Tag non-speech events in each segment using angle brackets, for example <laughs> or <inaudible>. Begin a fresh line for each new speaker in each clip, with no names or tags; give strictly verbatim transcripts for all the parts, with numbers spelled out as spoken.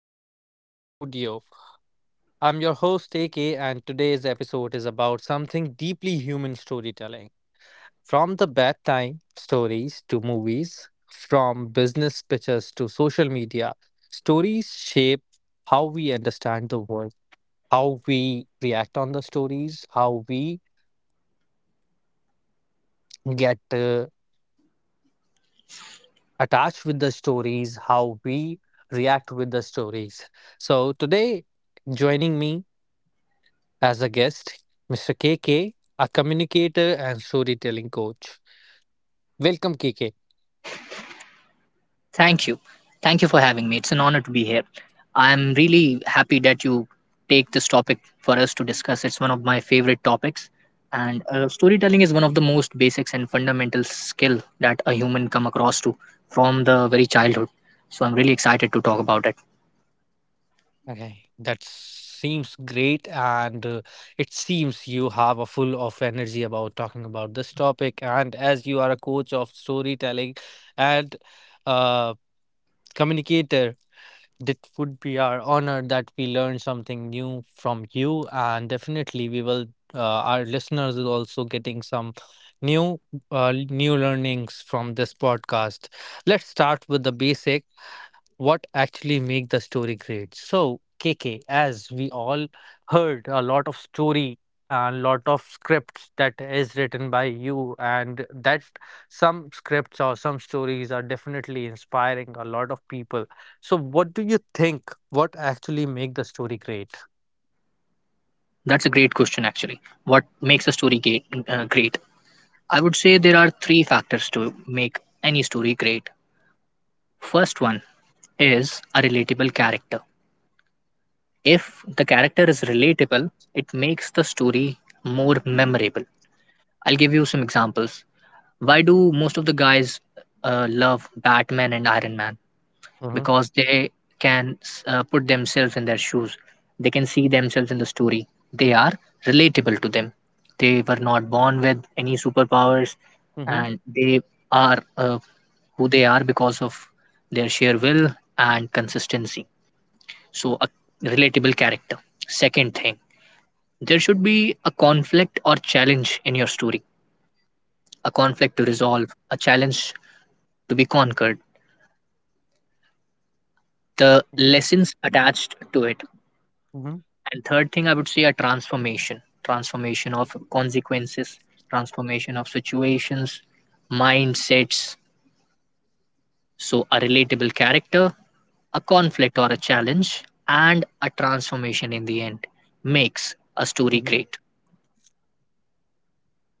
show A K Studio. I'm your host A K, and today's episode is about something deeply human storytelling. From the bedtime stories to movies, from business pitches to social media, stories shape how we understand the world, how we react on the stories, how we get uh, attached with the stories, how we react with the stories. So, today, joining me As a guest, Mister K K, a communicator and storytelling coach. Welcome, K K.
Thank you. Thank you for having me. It's an honor to be here. I'm really happy that you take this topic for us to discuss. It's one of my favorite topics. And uh, storytelling is one of the most basics and fundamental skill that a human come across to from the very childhood. So I'm really excited to talk about it.
Okay, that seems great, and uh, it seems you have a full of energy about talking about this topic. And as you are a coach of storytelling and uh, communicator, It would be our honor that we learn something new from you, and definitely we will. Uh, our listeners is also getting some new, uh, new learnings from this podcast. Let's start with the basic what actually make the story great. So KK, as we all heard a lot of story, a lot of scripts that is written by you, and that some scripts or some stories are definitely inspiring a lot of people. So what do you think, what actually make the story great?
That's a great question, actually. What makes a story great? Uh, great? I would say there are three factors to make any story great. First one is a relatable character. If the character is relatable, it makes the story more memorable. I'll give you some examples. Why do most of the guys uh, love Batman and Iron Man?
Mm-hmm,
Because they can uh, put themselves in their shoes, they can see themselves in the story. They are relatable to them. They were not born with any superpowers,
mm-hmm,
and they are uh, who they are because of their sheer will and consistency. So, a relatable character. Second thing, there should be a conflict or challenge in your story, a conflict to resolve, a challenge to be conquered, the
mm-hmm,
lessons attached to it.
mm-hmm,
And third thing, I would say a transformation transformation of consequences, transformation of situations, mindsets. So, a relatable character, a conflict or a challenge, and a transformation in the end makes a story
mm-hmm.
great.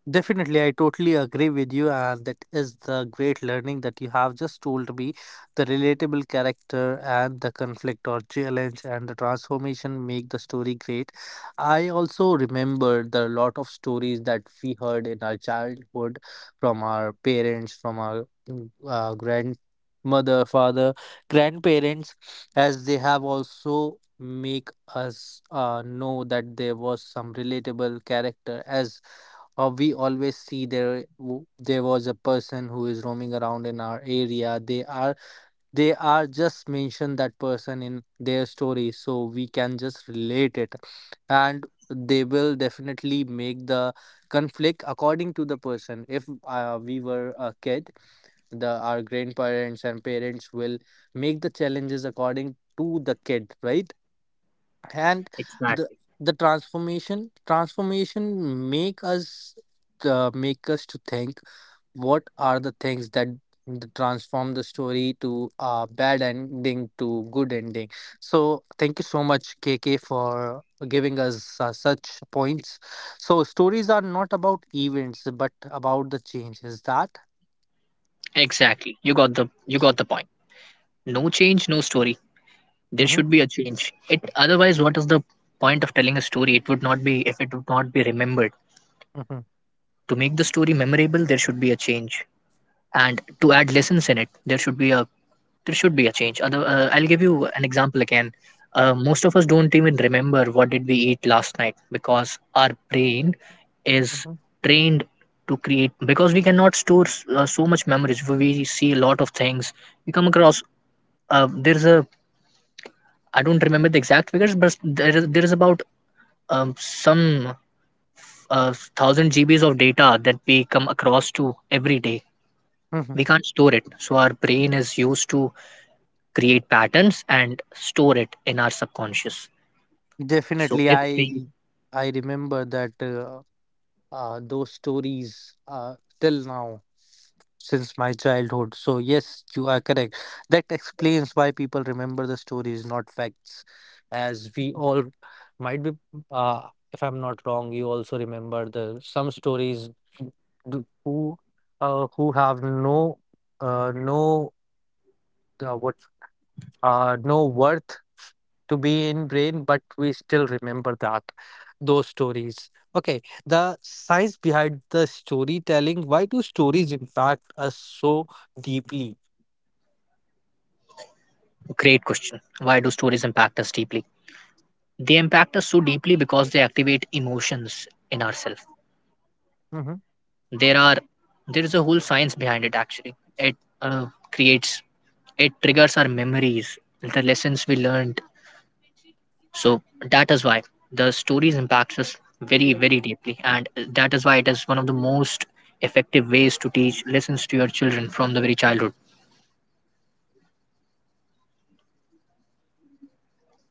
Definitely, I totally agree with you, and that is the great learning that you have just told me. The relatable character and the conflict or challenge and the transformation make the story great. I also remember the lot of stories that we heard in our childhood from our parents, from our mm, uh, grandmother, father, grandparents, as they have also make us uh, know that there was some relatable character as, or we always see there w- there was a person who is roaming around in our area. They are they are just mention that person in their story, so we can just relate it, and they will definitely make the conflict according to the person. If uh, we were a kid, the our grandparents and parents will make the challenges according to the kid, right? And the
Exactly.
the transformation transformation make us uh, make us to think what are the things that th- transform the story to a bad ending to good ending. So thank you so much KK for giving us uh, such points. So stories are not about events but about the change is that.
Exactly. You got the you got the point. No change, no story. There
Hmm.
should be a change, it otherwise what is the point of telling a story? It would not be If it would not be remembered,
Hmm.
to make the story memorable there should be a change. And to add lessons in it there should be a there should be a change. Other uh, I'll give you an example again. Uh, most of us don't even remember what did we eat last night because our brain is
Hmm.
trained to create, because we cannot store s- uh, so much memories. We see a lot of things we come across. Uh, there's a I don't remember the exact figures, but there is, there is about um, some uh, thousand G Bs of data that we come across to every day.
Hmm.
We can't store it. So our brain is used to create patterns and store it in our subconscious. So
Definitely,
if we
I I remember that. Uh, uh, those stories uh, till now since my childhood. So, yes, you are correct. That explains why people remember the stories, not facts. As we all might be, uh, if I'm not wrong, you also remember the some stories d- who uh, who have no uh, no uh, what uh, no worth to be in brain, but we still remember that those stories. Okay, the science behind the storytelling, why do stories impact us so deeply?
Great question, why do stories impact us deeply? They impact us so deeply because they activate emotions in ourselves.
Mm-hmm.
There are there is a whole science behind it, actually. It uh, creates it triggers our memories, the lessons we learned. So that is why the stories impacts us very, very deeply, and that is why it is one of the most effective ways to teach lessons to your children from the very childhood.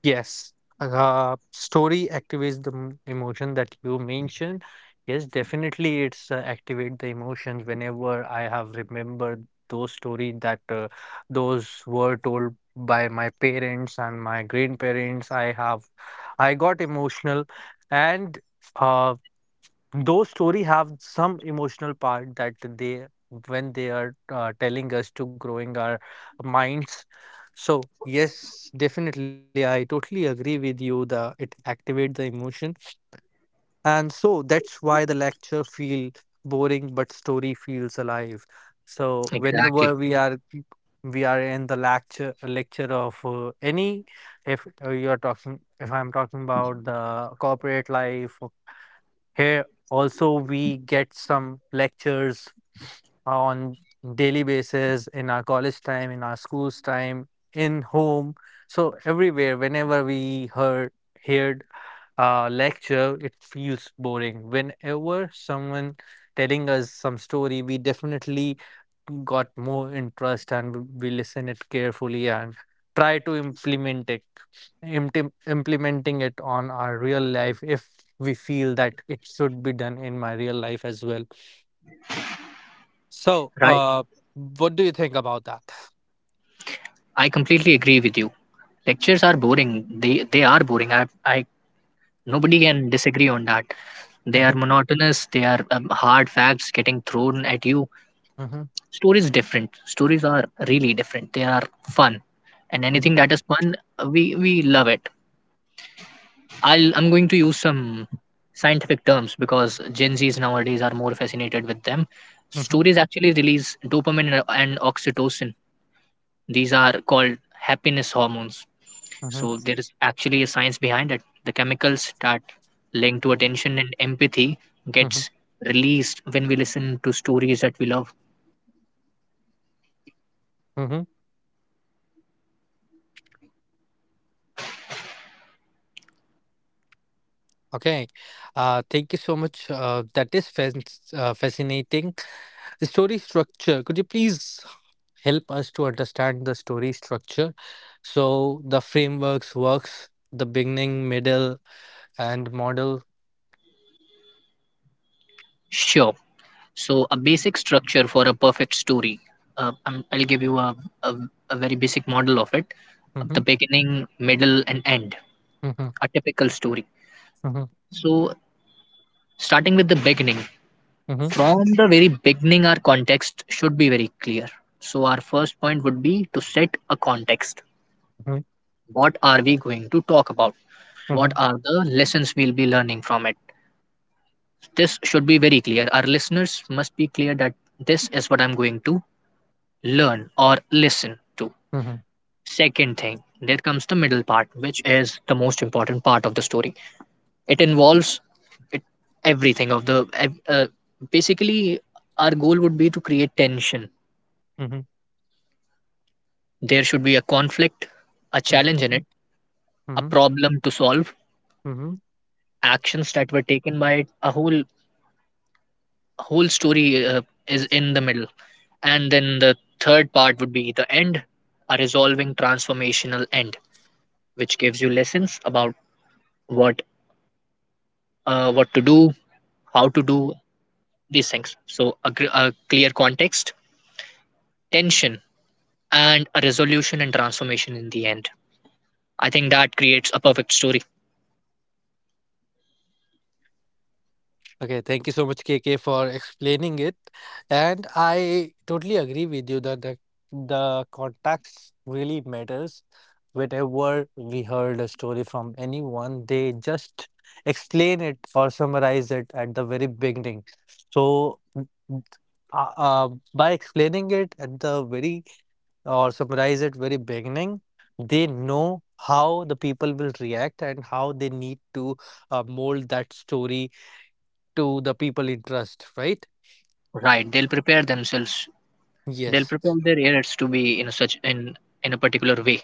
Yes, uh, story activates the m- emotion that you mentioned. Yes, definitely, it's uh, activate the emotions. Whenever I have remembered those story that uh, those were told by my parents and my grandparents, I have, I got emotional, and uh, those story have some emotional part that they when they are uh, telling us to growing our minds. So yes, definitely I totally agree with you, the it activate the emotion. And so that's why the lecture feel boring but story feels alive. So
Exactly.
whenever we are we are in the lecture lecture of uh, any, if uh, you are talking, if I'm talking about the corporate life, here also we get some lectures on daily basis in our college time, in our school's time, in home. So everywhere, whenever we heard heard a lecture, it feels boring. Whenever someone telling us some story, we definitely got more interest, and we listen it carefully and try to implement it imptim- implementing it on our real life if we feel that it should be done in my real life as well. So
Right.
uh what do you think about that?
I completely agree with you. Lectures are boring. They they are boring. I I Nobody can disagree on that. They are
<laughs>
monotonous. They are um, hard facts getting thrown at you.
Mhm,
Stories different. Stories are really different. They are fun, and anything
mhm,
that is fun, uh, we we love it. I'll I'm going to use some scientific terms because Gen Zs nowadays are more fascinated with them.
mhm,
Stories actually release dopamine and and oxytocin. These are called happiness hormones.
mhm,
So there is actually a science behind it. The chemicals that link to
mhm,
attention and empathy
mhm.
gets released when we listen to stories that we love.
Mhm. Okay, uh thank you so much, uh that is fasc- uh, fascinating. The story structure, could you please help us to understand the story structure? So the frameworks works the beginning, middle, and model.
Sure. So a basic structure for a perfect story. Uh, I'm, I'll give you a, a a very basic model of it. The
Mhm,
beginning, middle, and end,
mhm,
a typical story.
mhm,
So, starting with the beginning,
mhm,
from the very beginning, our context should be very clear. So, our first point would be to set a context.
mhm,
What are we going to talk about? What
mhm,
are the lessons we'll be learning from it? This should be very clear. Our listeners must be clear that this is what I'm going to learn or listen to.
mhm, mhm,
Second thing, there comes the middle part, which is the most important part of the story. It involves it, everything of the ev- uh, basically our goal would be to create tension.
mhm,
There should be a conflict, a challenge in
mhm,
it, a
mhm,
problem to solve,
mhm.
actions that were taken by it. A whole whole story uh, is in the middle. And then the third part would be the end, a resolving transformational end which gives you lessons about what uh, what to do, how to do these things. So a, gr- a clear context, tension, and a resolution and transformation in the end. I think that creates a perfect story.
Okay, thank you so much, K K, for explaining it. And I totally agree with you that the, the context really matters. Whenever we heard a story from anyone, they just explain it or summarize it at the very beginning. So, n- n- uh, uh, by explaining it at the very or summarize it very beginning, they know how the people will react and how they need to uh, mold that story to the people in trust, right?
Right. They'll prepare themselves. They'll
Yes,
prepare their hearers to be in a such in in a particular way.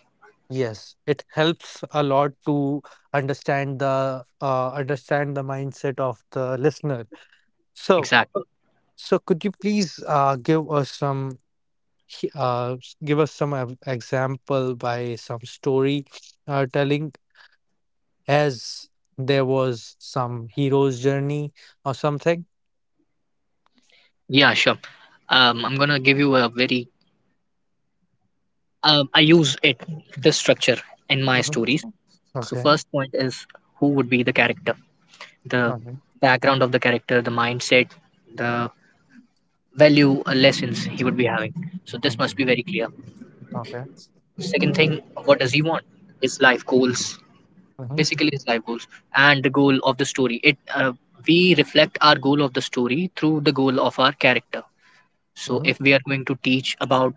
yes, it helps a lot to understand the uh, understand the mindset of the listener. So,
Exactly.
so could you please uh, give us some he- uh, s- give us some ev- example by some story uh, telling, as there was some hero's journey or something?
Yeah. Sure. Um, I'm gonna give you a very. Um, I use it this structure in my
Mhm.
stories. So
Okay.
first point is who would be the character, the
Okay.
background of the character, the mindset, the value uh, lessons he would be having. So this
Mm.
must be very clear.
Okay.
Second thing, what does he want? His life goals,
Mm-hmm.
basically is life goals, and the goal of the story. It uh, We reflect our goal of the story through the goal of our character. So
Mm-hmm.
if we are going to teach about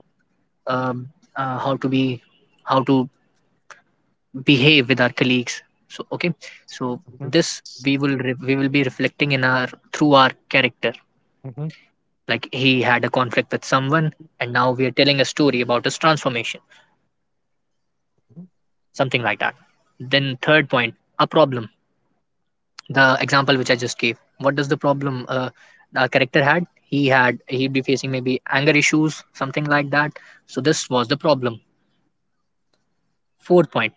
um, uh, how to be how to behave with our colleagues, so okay, so this we will re- we will be reflecting in our through our character,
Mm-hmm. Mm-hmm.
like he had a conflict with someone, and now we are telling a story about his transformation, something like that. Then third point, a problem. The example which I just gave. What does the problem uh, our character had? He had he'd be facing maybe anger issues, something like that. So this was the problem. Fourth point: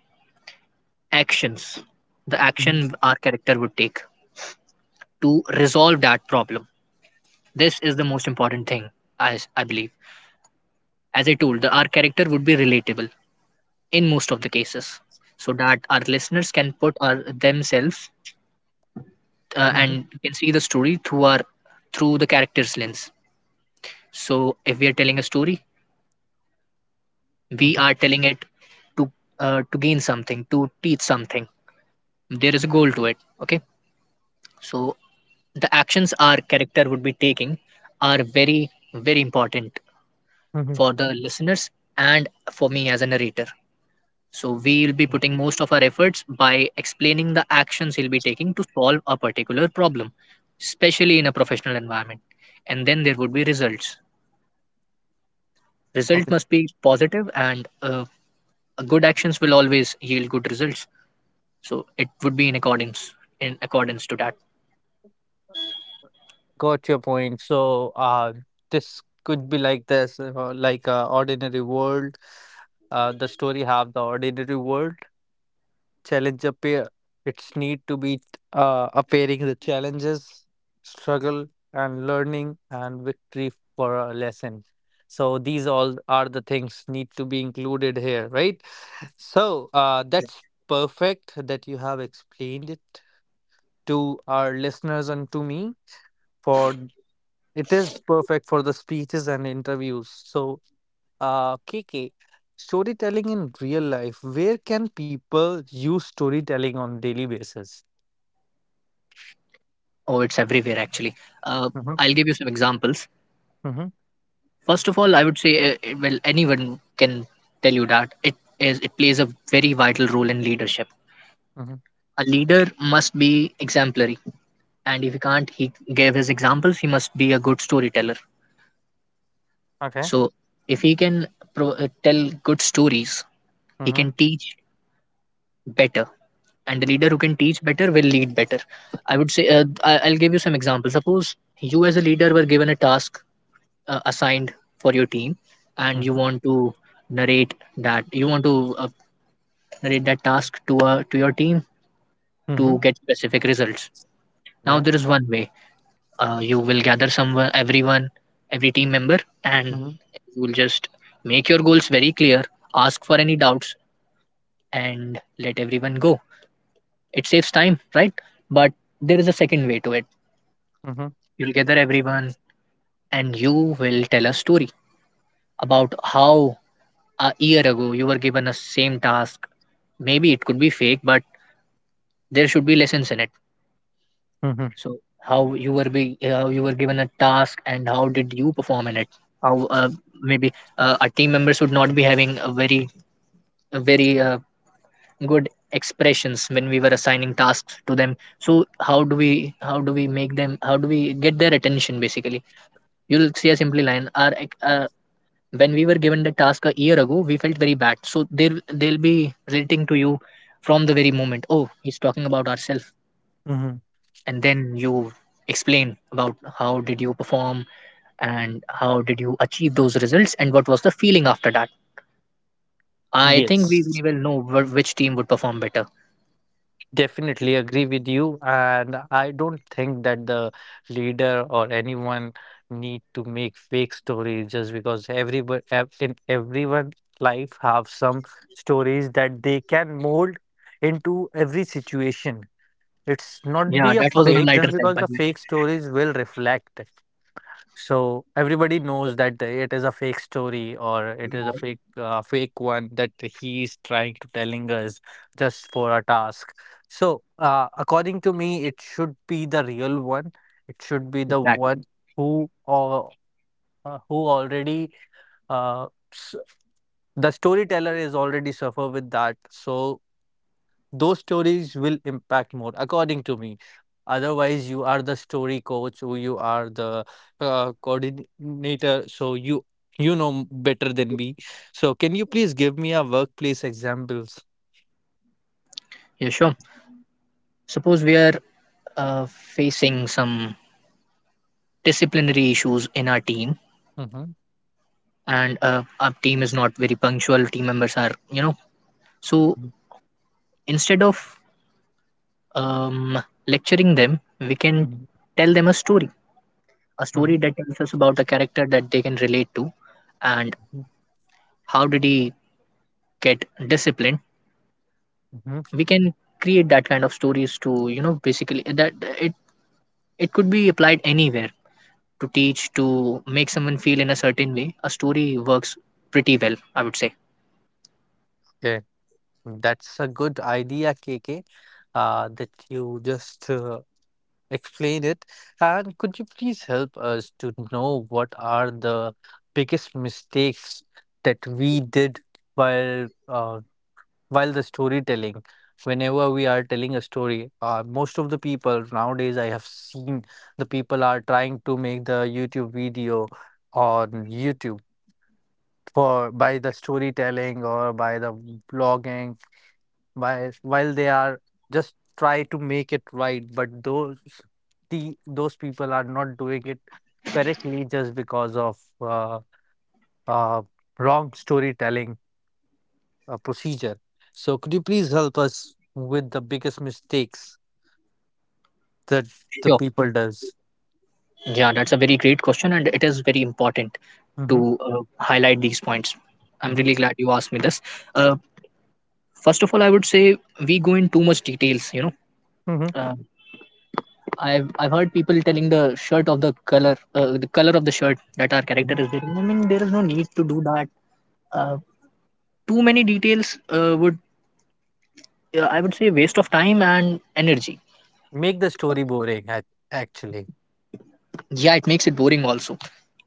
actions. The action
Mm-hmm.
our character would take to resolve that problem. This is the most important thing, as I believe. As I told, the, our character would be relatable in most of the cases, so that our listeners can put our themselves, uh,
Mm-hmm.
and can see the story through our through the character's lens. So if we are telling a story, we
Mm-hmm.
are telling it to uh, to gain something, to teach something. There is a goal to it, okay. So the actions our character would be taking are very, very important
Hmm.
for the listeners and for me as a narrator. So we will be putting most of our efforts by explaining the actions he'll be taking to solve a particular problem, especially in a professional environment. And then there would be results. Result
Okay,
must be positive, and uh, good actions will always yield good results. So it would be in accordance in accordance to that.
got your point. So, uh, this could be like this, uh, like uh, ordinary world. Uh, the story have the ordinary world, challenge appear. It's need to be uh, appearing the challenges, struggle, and learning and victory for a lesson. So these all are the things need to be included here, right? So uh, that's perfect that you have explained it to our listeners and to me. For it is perfect for the speeches and interviews. So, uh, K, K, storytelling in real life, where can people use storytelling on daily basis?
Oh, it's everywhere, actually. uh,
Mm-hmm,
I'll give you some examples.
mm-hmm,
First of all, I would say, uh, it- well, anyone can tell you that it is it plays a very vital role in leadership.
mm-hmm.
A leader must be exemplary, and if he can't he give his examples, he must be a good storyteller.
Okay.
So if he can pro- uh, tell good stories, he
Mm-hmm,
can teach better, and the leader who can teach better will lead better. I would say, uh, I- I'll give you some examples. Suppose you as a leader were given a task, uh, assigned for your team, and you
mm-hmm,
want to narrate that you want to uh, narrate that task to uh, to your team
mm-hmm.
to get specific results. Now
Okay.
there is one way. Uh, you will gather someone everyone, every team member, and
Mm-hmm,
you will just make your goals very clear, ask for any doubts, and let everyone go. It saves time, right? But there is a second way to it.
mm-hmm,
You'll gather everyone, and you will tell a story about how a year ago you were given a same task. Maybe it could be fake, but there should be lessons in it.
mm-hmm.
So how you were be how you were given a task and how did you perform in it? How uh, maybe uh, our team members would not be having a very a very uh, good expressions when we were assigning tasks to them. So how do we how do we make them how do we get their attention, basically. You'll see a simple line. Our uh, when we were given the task a year ago, we felt very bad, so they'll they'll be relating to you from the very moment. Oh, he's talking about ourselves.
Mm-hmm.
And then you explain about how did you perform and how did you achieve those results and what was the feeling after that. I think we, we
Yes.
will know wh- which team would perform better.
Definitely agree with you, and I don't think that the leader or anyone need to make fake stories, just because everybody in everyone's life have some stories that they can mold into every situation. It's not
Yeah,
be a
that was on a
fake
lighter
just
side,
because
by
the
the way.
fake stories will reflect. So everybody knows that it is a fake story or it is a fake uh, fake one that he is trying to telling us just for a task. So uh, according to me, it should be the real one. It should be the
Exactly.
one who, or uh, who already uh, s- the storyteller is already suffer with that. So those stories will impact more according to me. Otherwise, you are the story coach or you are the uh, coordinator, so you you know m- better than me. So can you please give me a workplace examples?
Yeah, sure. Suppose we are uh, facing some disciplinary issues in our team,
Mhm,
and uh, our team is not very punctual. Team members are, you know, so
mhm,
instead of um, lecturing them, we can
mhm,
tell them a story, a story
mhm,
that tells us about a character that they can relate to, and
mhm,
how did he get disciplined.
mhm.
We can create that kind of stories to, you know, basically that it it could be applied anywhere to teach to make someone feel in a certain way, a story works pretty well, I would say.
Okay, that's a good idea, K K. Uh, that you just uh, explain it. And could you please help us to know what are the biggest mistakes that we did while uh, while the storytelling? Whenever we are telling a story, uh, most of the people nowadays I have seen the people are trying to make the YouTube video on YouTube for by the storytelling or by the blogging, while while they are just try to make it right, but those the those people are not doing it correctly just because of uh, uh, wrong storytelling uh, procedure. So could you please help us with the biggest mistakes that the
Sure.
people does?
Yeah, that's a very great question, and it is very important
Mm-hmm,
to uh, highlight these points. I'm
mm-hmm,
really glad you asked me this. Uh, First of all, I would say we go in too much details. You know,
mm-hmm.
uh, I've I've heard people telling the shirt of the color, uh, the color of the shirt that our character
Hmm.
is wearing. I mean, there is no need to do that. Uh, Too many details uh, would uh, I would say waste of time and energy.
Make the story boring, ac- actually.
Yeah, it makes it boring also.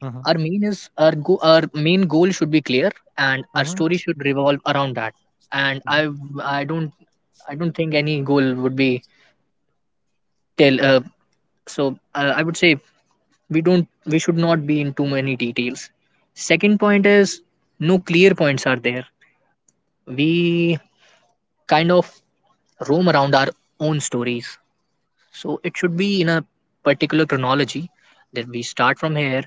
Mm-hmm,
Our main is our go- our main goal should be clear, and our
mm-hmm,
story should revolve around that. And I I don't I don't think any goal would be tell. Uh, so uh, I would say we don't we should not be in too many details. Second point is no clear points are there. We kind of roam around our own stories. So it should be in a particular chronology that we start from here.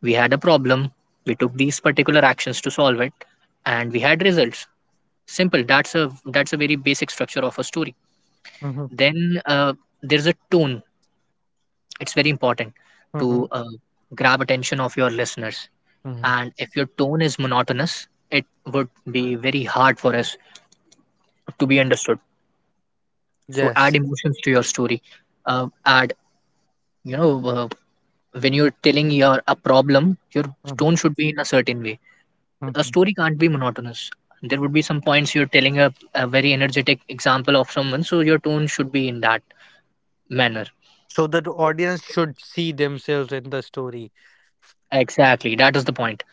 We had a problem, we took these particular actions to solve it, and we had results. Simple. That's a that's a very basic structure of a story.
mm-hmm,
Then uh, there's a tone. It's very important
mm-hmm,
to uh, grab attention of your listeners.
mm-hmm.
And if your tone is monotonous, it would be very hard for us to be understood. So add
Yes.
emotions to your story. Uh, add you know uh, when you're telling your a problem, your
Mm-hmm,
tone should be in a certain way. A
mm-hmm.
story can't be monotonous. There would be some points you're telling a, a very energetic example of someone, so your tone should be in that manner.
So that audience should see themselves in the story.
Exactly, that is the point.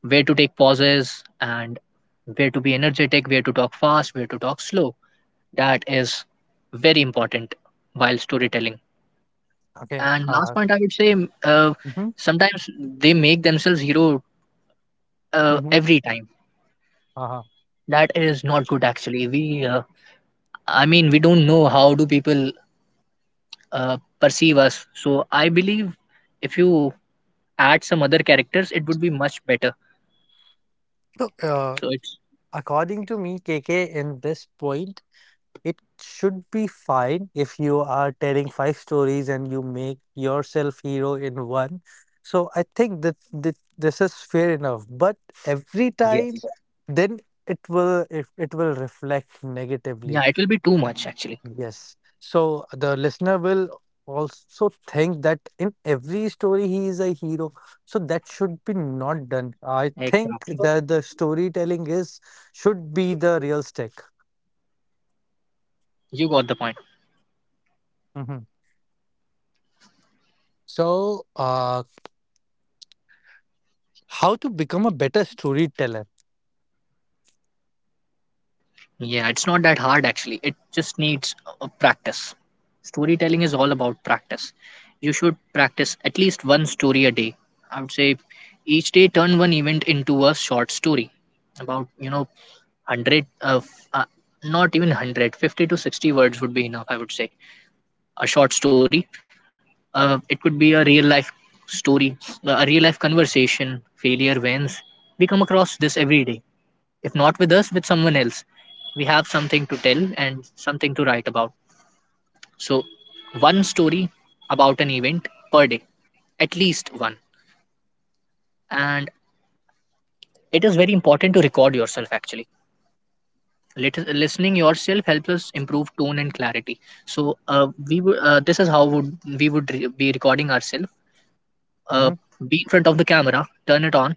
Where to take pauses and where to be energetic, where to talk fast, where to talk slow. That is very important while storytelling.
Okay.
And last
Uh,
point, I would say, m- uh,
mhm,
sometimes they make themselves hero uh,
mhm,
every time.
uh-huh.
That is not good, actually. We uh, I mean, we don't know how do people uh, perceive us. So I believe if you add some other characters, it would be much better.
So, uh,
So it's
according to me, K K, in this point, it should be fine if you are telling five stories and you make yourself hero in one. So I think that this, this is fair enough. But every time,
Yes,
then it will it, it will reflect
yeah,
negatively.
it will be too much actually.
Yes. So the listener will also think that in every story he is a hero. So that should be not done. I think
Exactly.
that the storytelling is should be the real stick.
You got the point.
Mhm. So uh, how to become a better storyteller?
Yeah, it's not that hard actually. It just needs uh, practice. Storytelling is all about practice. You should practice at least one story a day. I would say each day turn one event into a short story, about you know one hundred of, uh, uh, not even one hundred fifty to sixty words would be enough, I would say. A short story, uh, it could be a real life story, uh, a real life conversation, failure, wins. We come across this every day, if not with us, with someone else. We have something to tell and something to write about. So, one story about an event per day, at least one. And it is very important to record yourself actually. Lit- listening yourself helps us improve tone and clarity. So uh, we w- uh, this is how would we would re- be recording ourselves. uh,
Mhm,
be in front of the camera, turn it on,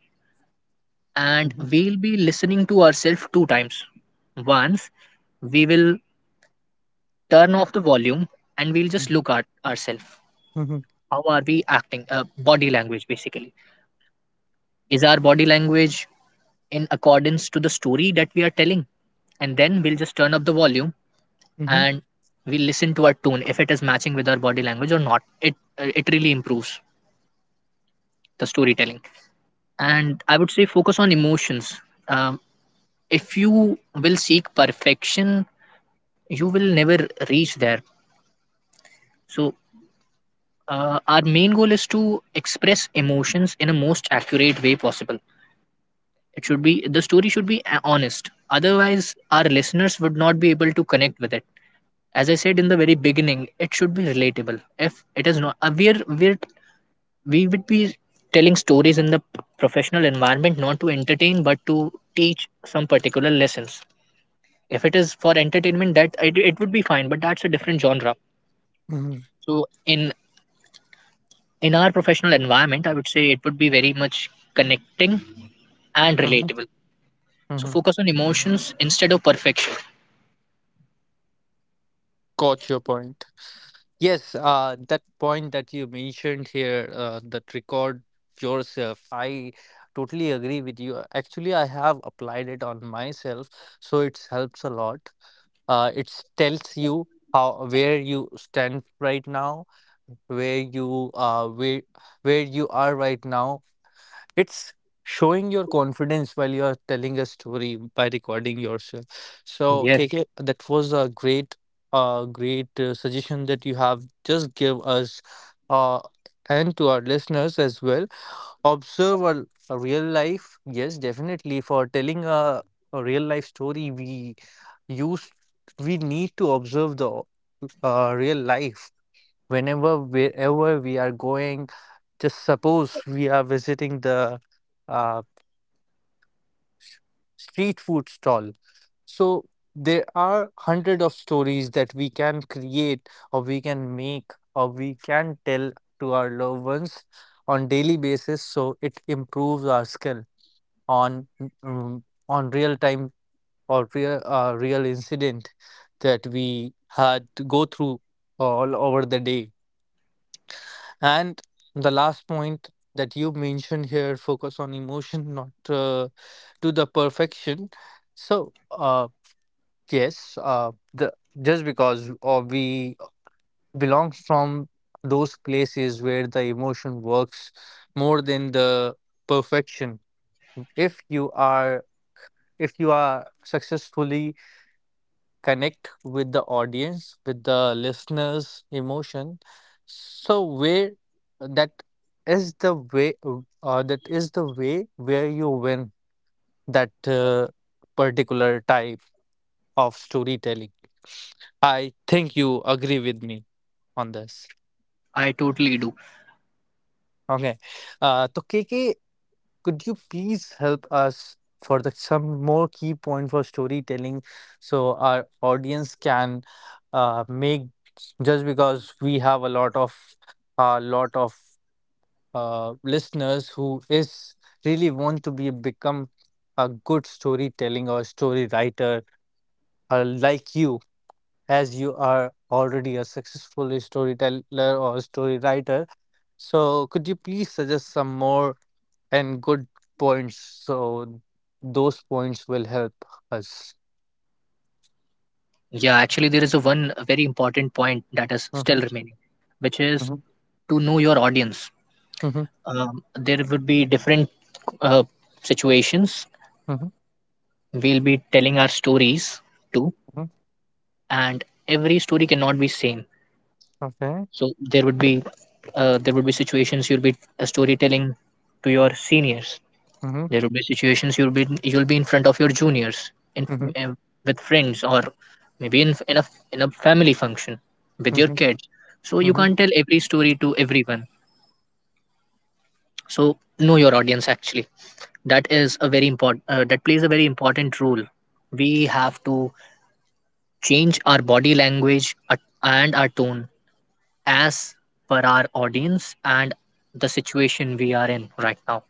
and
mhm,
we'll be listening to ourselves two times. Once, we will turn off the volume and we'll just
mhm,
look at ourselves.
mhm,
How are we acting? Uh, body language, basically. Is our body language in accordance to the story that we are telling? And then we'll just turn up the volume
mhm,
and we listen to our tune, if it is matching with our body language or not. It uh, it really improves the storytelling. And I would say focus on emotions. um, if you will seek perfection, you will never reach there. So uh, our main goal is to express emotions in a most accurate way possible. It should be The story should be uh, honest, otherwise our listeners would not be able to connect with it. As I said in the very beginning, it should be relatable. If it is not, uh, we're we're we would be telling stories in the p- professional environment, not to entertain but to teach some particular lessons. If it is for entertainment, that it, it would be fine, but that's a different genre.
mhm,
So in in our professional environment, I would say it would be very much connecting and
mhm,
relatable. So
mhm.
focus on emotions instead of perfection.
Got your point. Yes, uh, that point that you mentioned here, uh, that record yourself, I totally agree with you. Uh, Actually, I have applied it on myself, so it helps a lot. Uh, it tells you how where you stand right now, where you uh where where you are right now. It's showing your confidence while you are telling a story by recording yourself. So,
Yes,
K K, that was a great, uh, great uh, suggestion that you have just give us, uh, and to our listeners as well. Observe a, a real life. Yes, definitely. For telling a, a real life story, we use we need to observe the uh, real life, whenever wherever we are going. Just suppose we are visiting the uh, s- street food stall. So there are hundred of stories that we can create or we can make or we can tell to our loved ones on daily basis. So it improves our skill on mm, on real time or real uh, real incident that we had to go through all over the day. And the last point that you mentioned here, focus on emotion, not uh, to the perfection. So, uh, yes, uh, the just because uh, we belong from those places where the emotion works more than the perfection. If you are if you are successfully connect with the audience, with the listeners' emotion. So where uh, that is the way, uh, uh, that is the way where you win that uh, particular type of storytelling. I think you agree with me on this.
I totally do.
Okay. Uh, तो K K could you please help us for the some more key point for storytelling, so our audience can uh, make, just because we have a lot of a lot of uh, listeners who is really want to be become a good storytelling or story writer, uh, like you, as you are already a successful storyteller or story writer. So could you please suggest some more and good points. So those points will help us.
Yeah, actually there is a one very important point that is still
Mhm,
remaining, which is
mhm,
to know your audience.
mhm,
um, there would be different uh, situations
mhm,
we'll be telling our stories too
mhm.
and every story cannot be same.
Okay.
So there would be, uh, there would be situations you'll be uh, storytelling to your seniors.
Mhm,
There would be situations you'll be you'll be in front of your juniors in,
mhm,
uh, with friends, or maybe in in a in a family function with your
mhm,
kids. So you can't
mhm,
tell every story to everyone. So know your audience actually. That is a very important, uh, that plays a very important role. We have to change our body language uh, and our tone as per our audience and the situation we are in right now.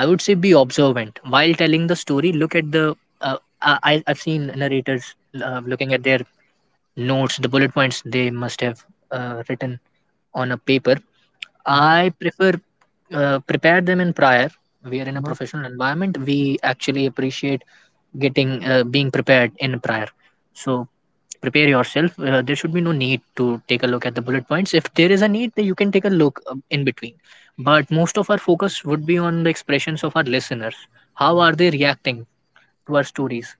I would say be observant while telling the story. Look at the, uh, I, I- I've seen narrators uh, looking at their notes, the bullet points they must have uh, written on a paper.
mhm,
I prefer, uh, prepare them in prior. We are in a
mhm,
professional environment. We actually appreciate getting uh, being prepared in prior. So prepare yourself. Uh, there should be no need to take a look at the bullet points. If there is a need, then you can take a look uh, in between. But most of our focus would be on the expressions of our listeners. How are they reacting to our stories?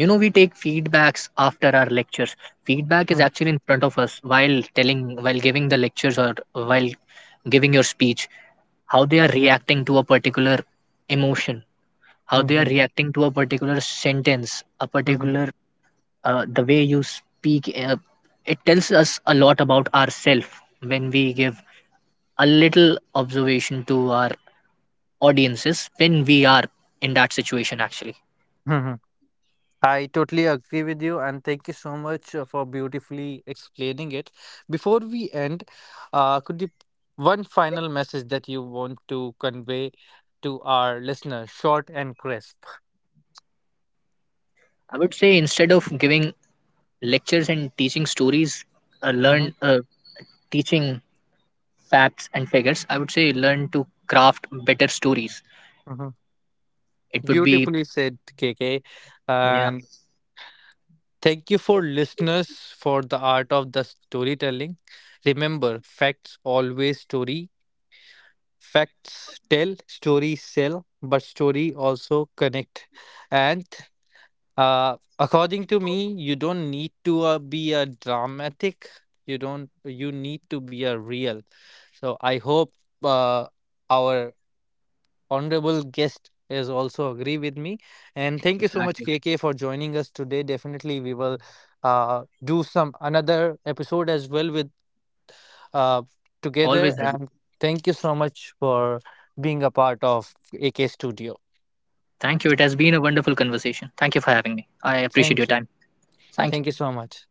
You know, we take feedbacks after our lectures. Feedback is
mhm,
actually in front of us while telling, while giving the lectures, or while giving your speech, how they are reacting to a particular emotion, how they are
mhm,
reacting to a particular sentence, a
mhm,
particular uh, the way you speak. Uh, it tells us a lot about ourselves when we give a little observation to our audiences when we are in that situation actually.
mhm. I totally agree with you, and thank you so much uh, for beautifully explaining it. Before we end, uh, could you one final message that you want to convey to our listeners, short and crisp?
I would say instead of giving lectures and teaching stories, uh, learn
Mhm,
uh, teaching facts and figures. I would say learn to craft better stories.
mhm.
It would be
Beautifully said, K K.
Yeah,
And thank you, for listeners, for the art of the storytelling. Remember, facts always story. Facts tell, stories sell, but story also connect. And uh, according to me, you don't need to uh, be a dramatic. You don't. You need to be a real. So I hope uh, our honorable guest is also agree with me. And thank you so much,
exactly.
K K, for joining us today. Definitely, we will uh, do some another episode as well with uh, together.
Always ready.
And thank you so much for being a part of A K Studio.
Thank you. It has been a wonderful conversation. Thank you for having me. I appreciate your
Thank you.
time. Thank you.
Thank you so much.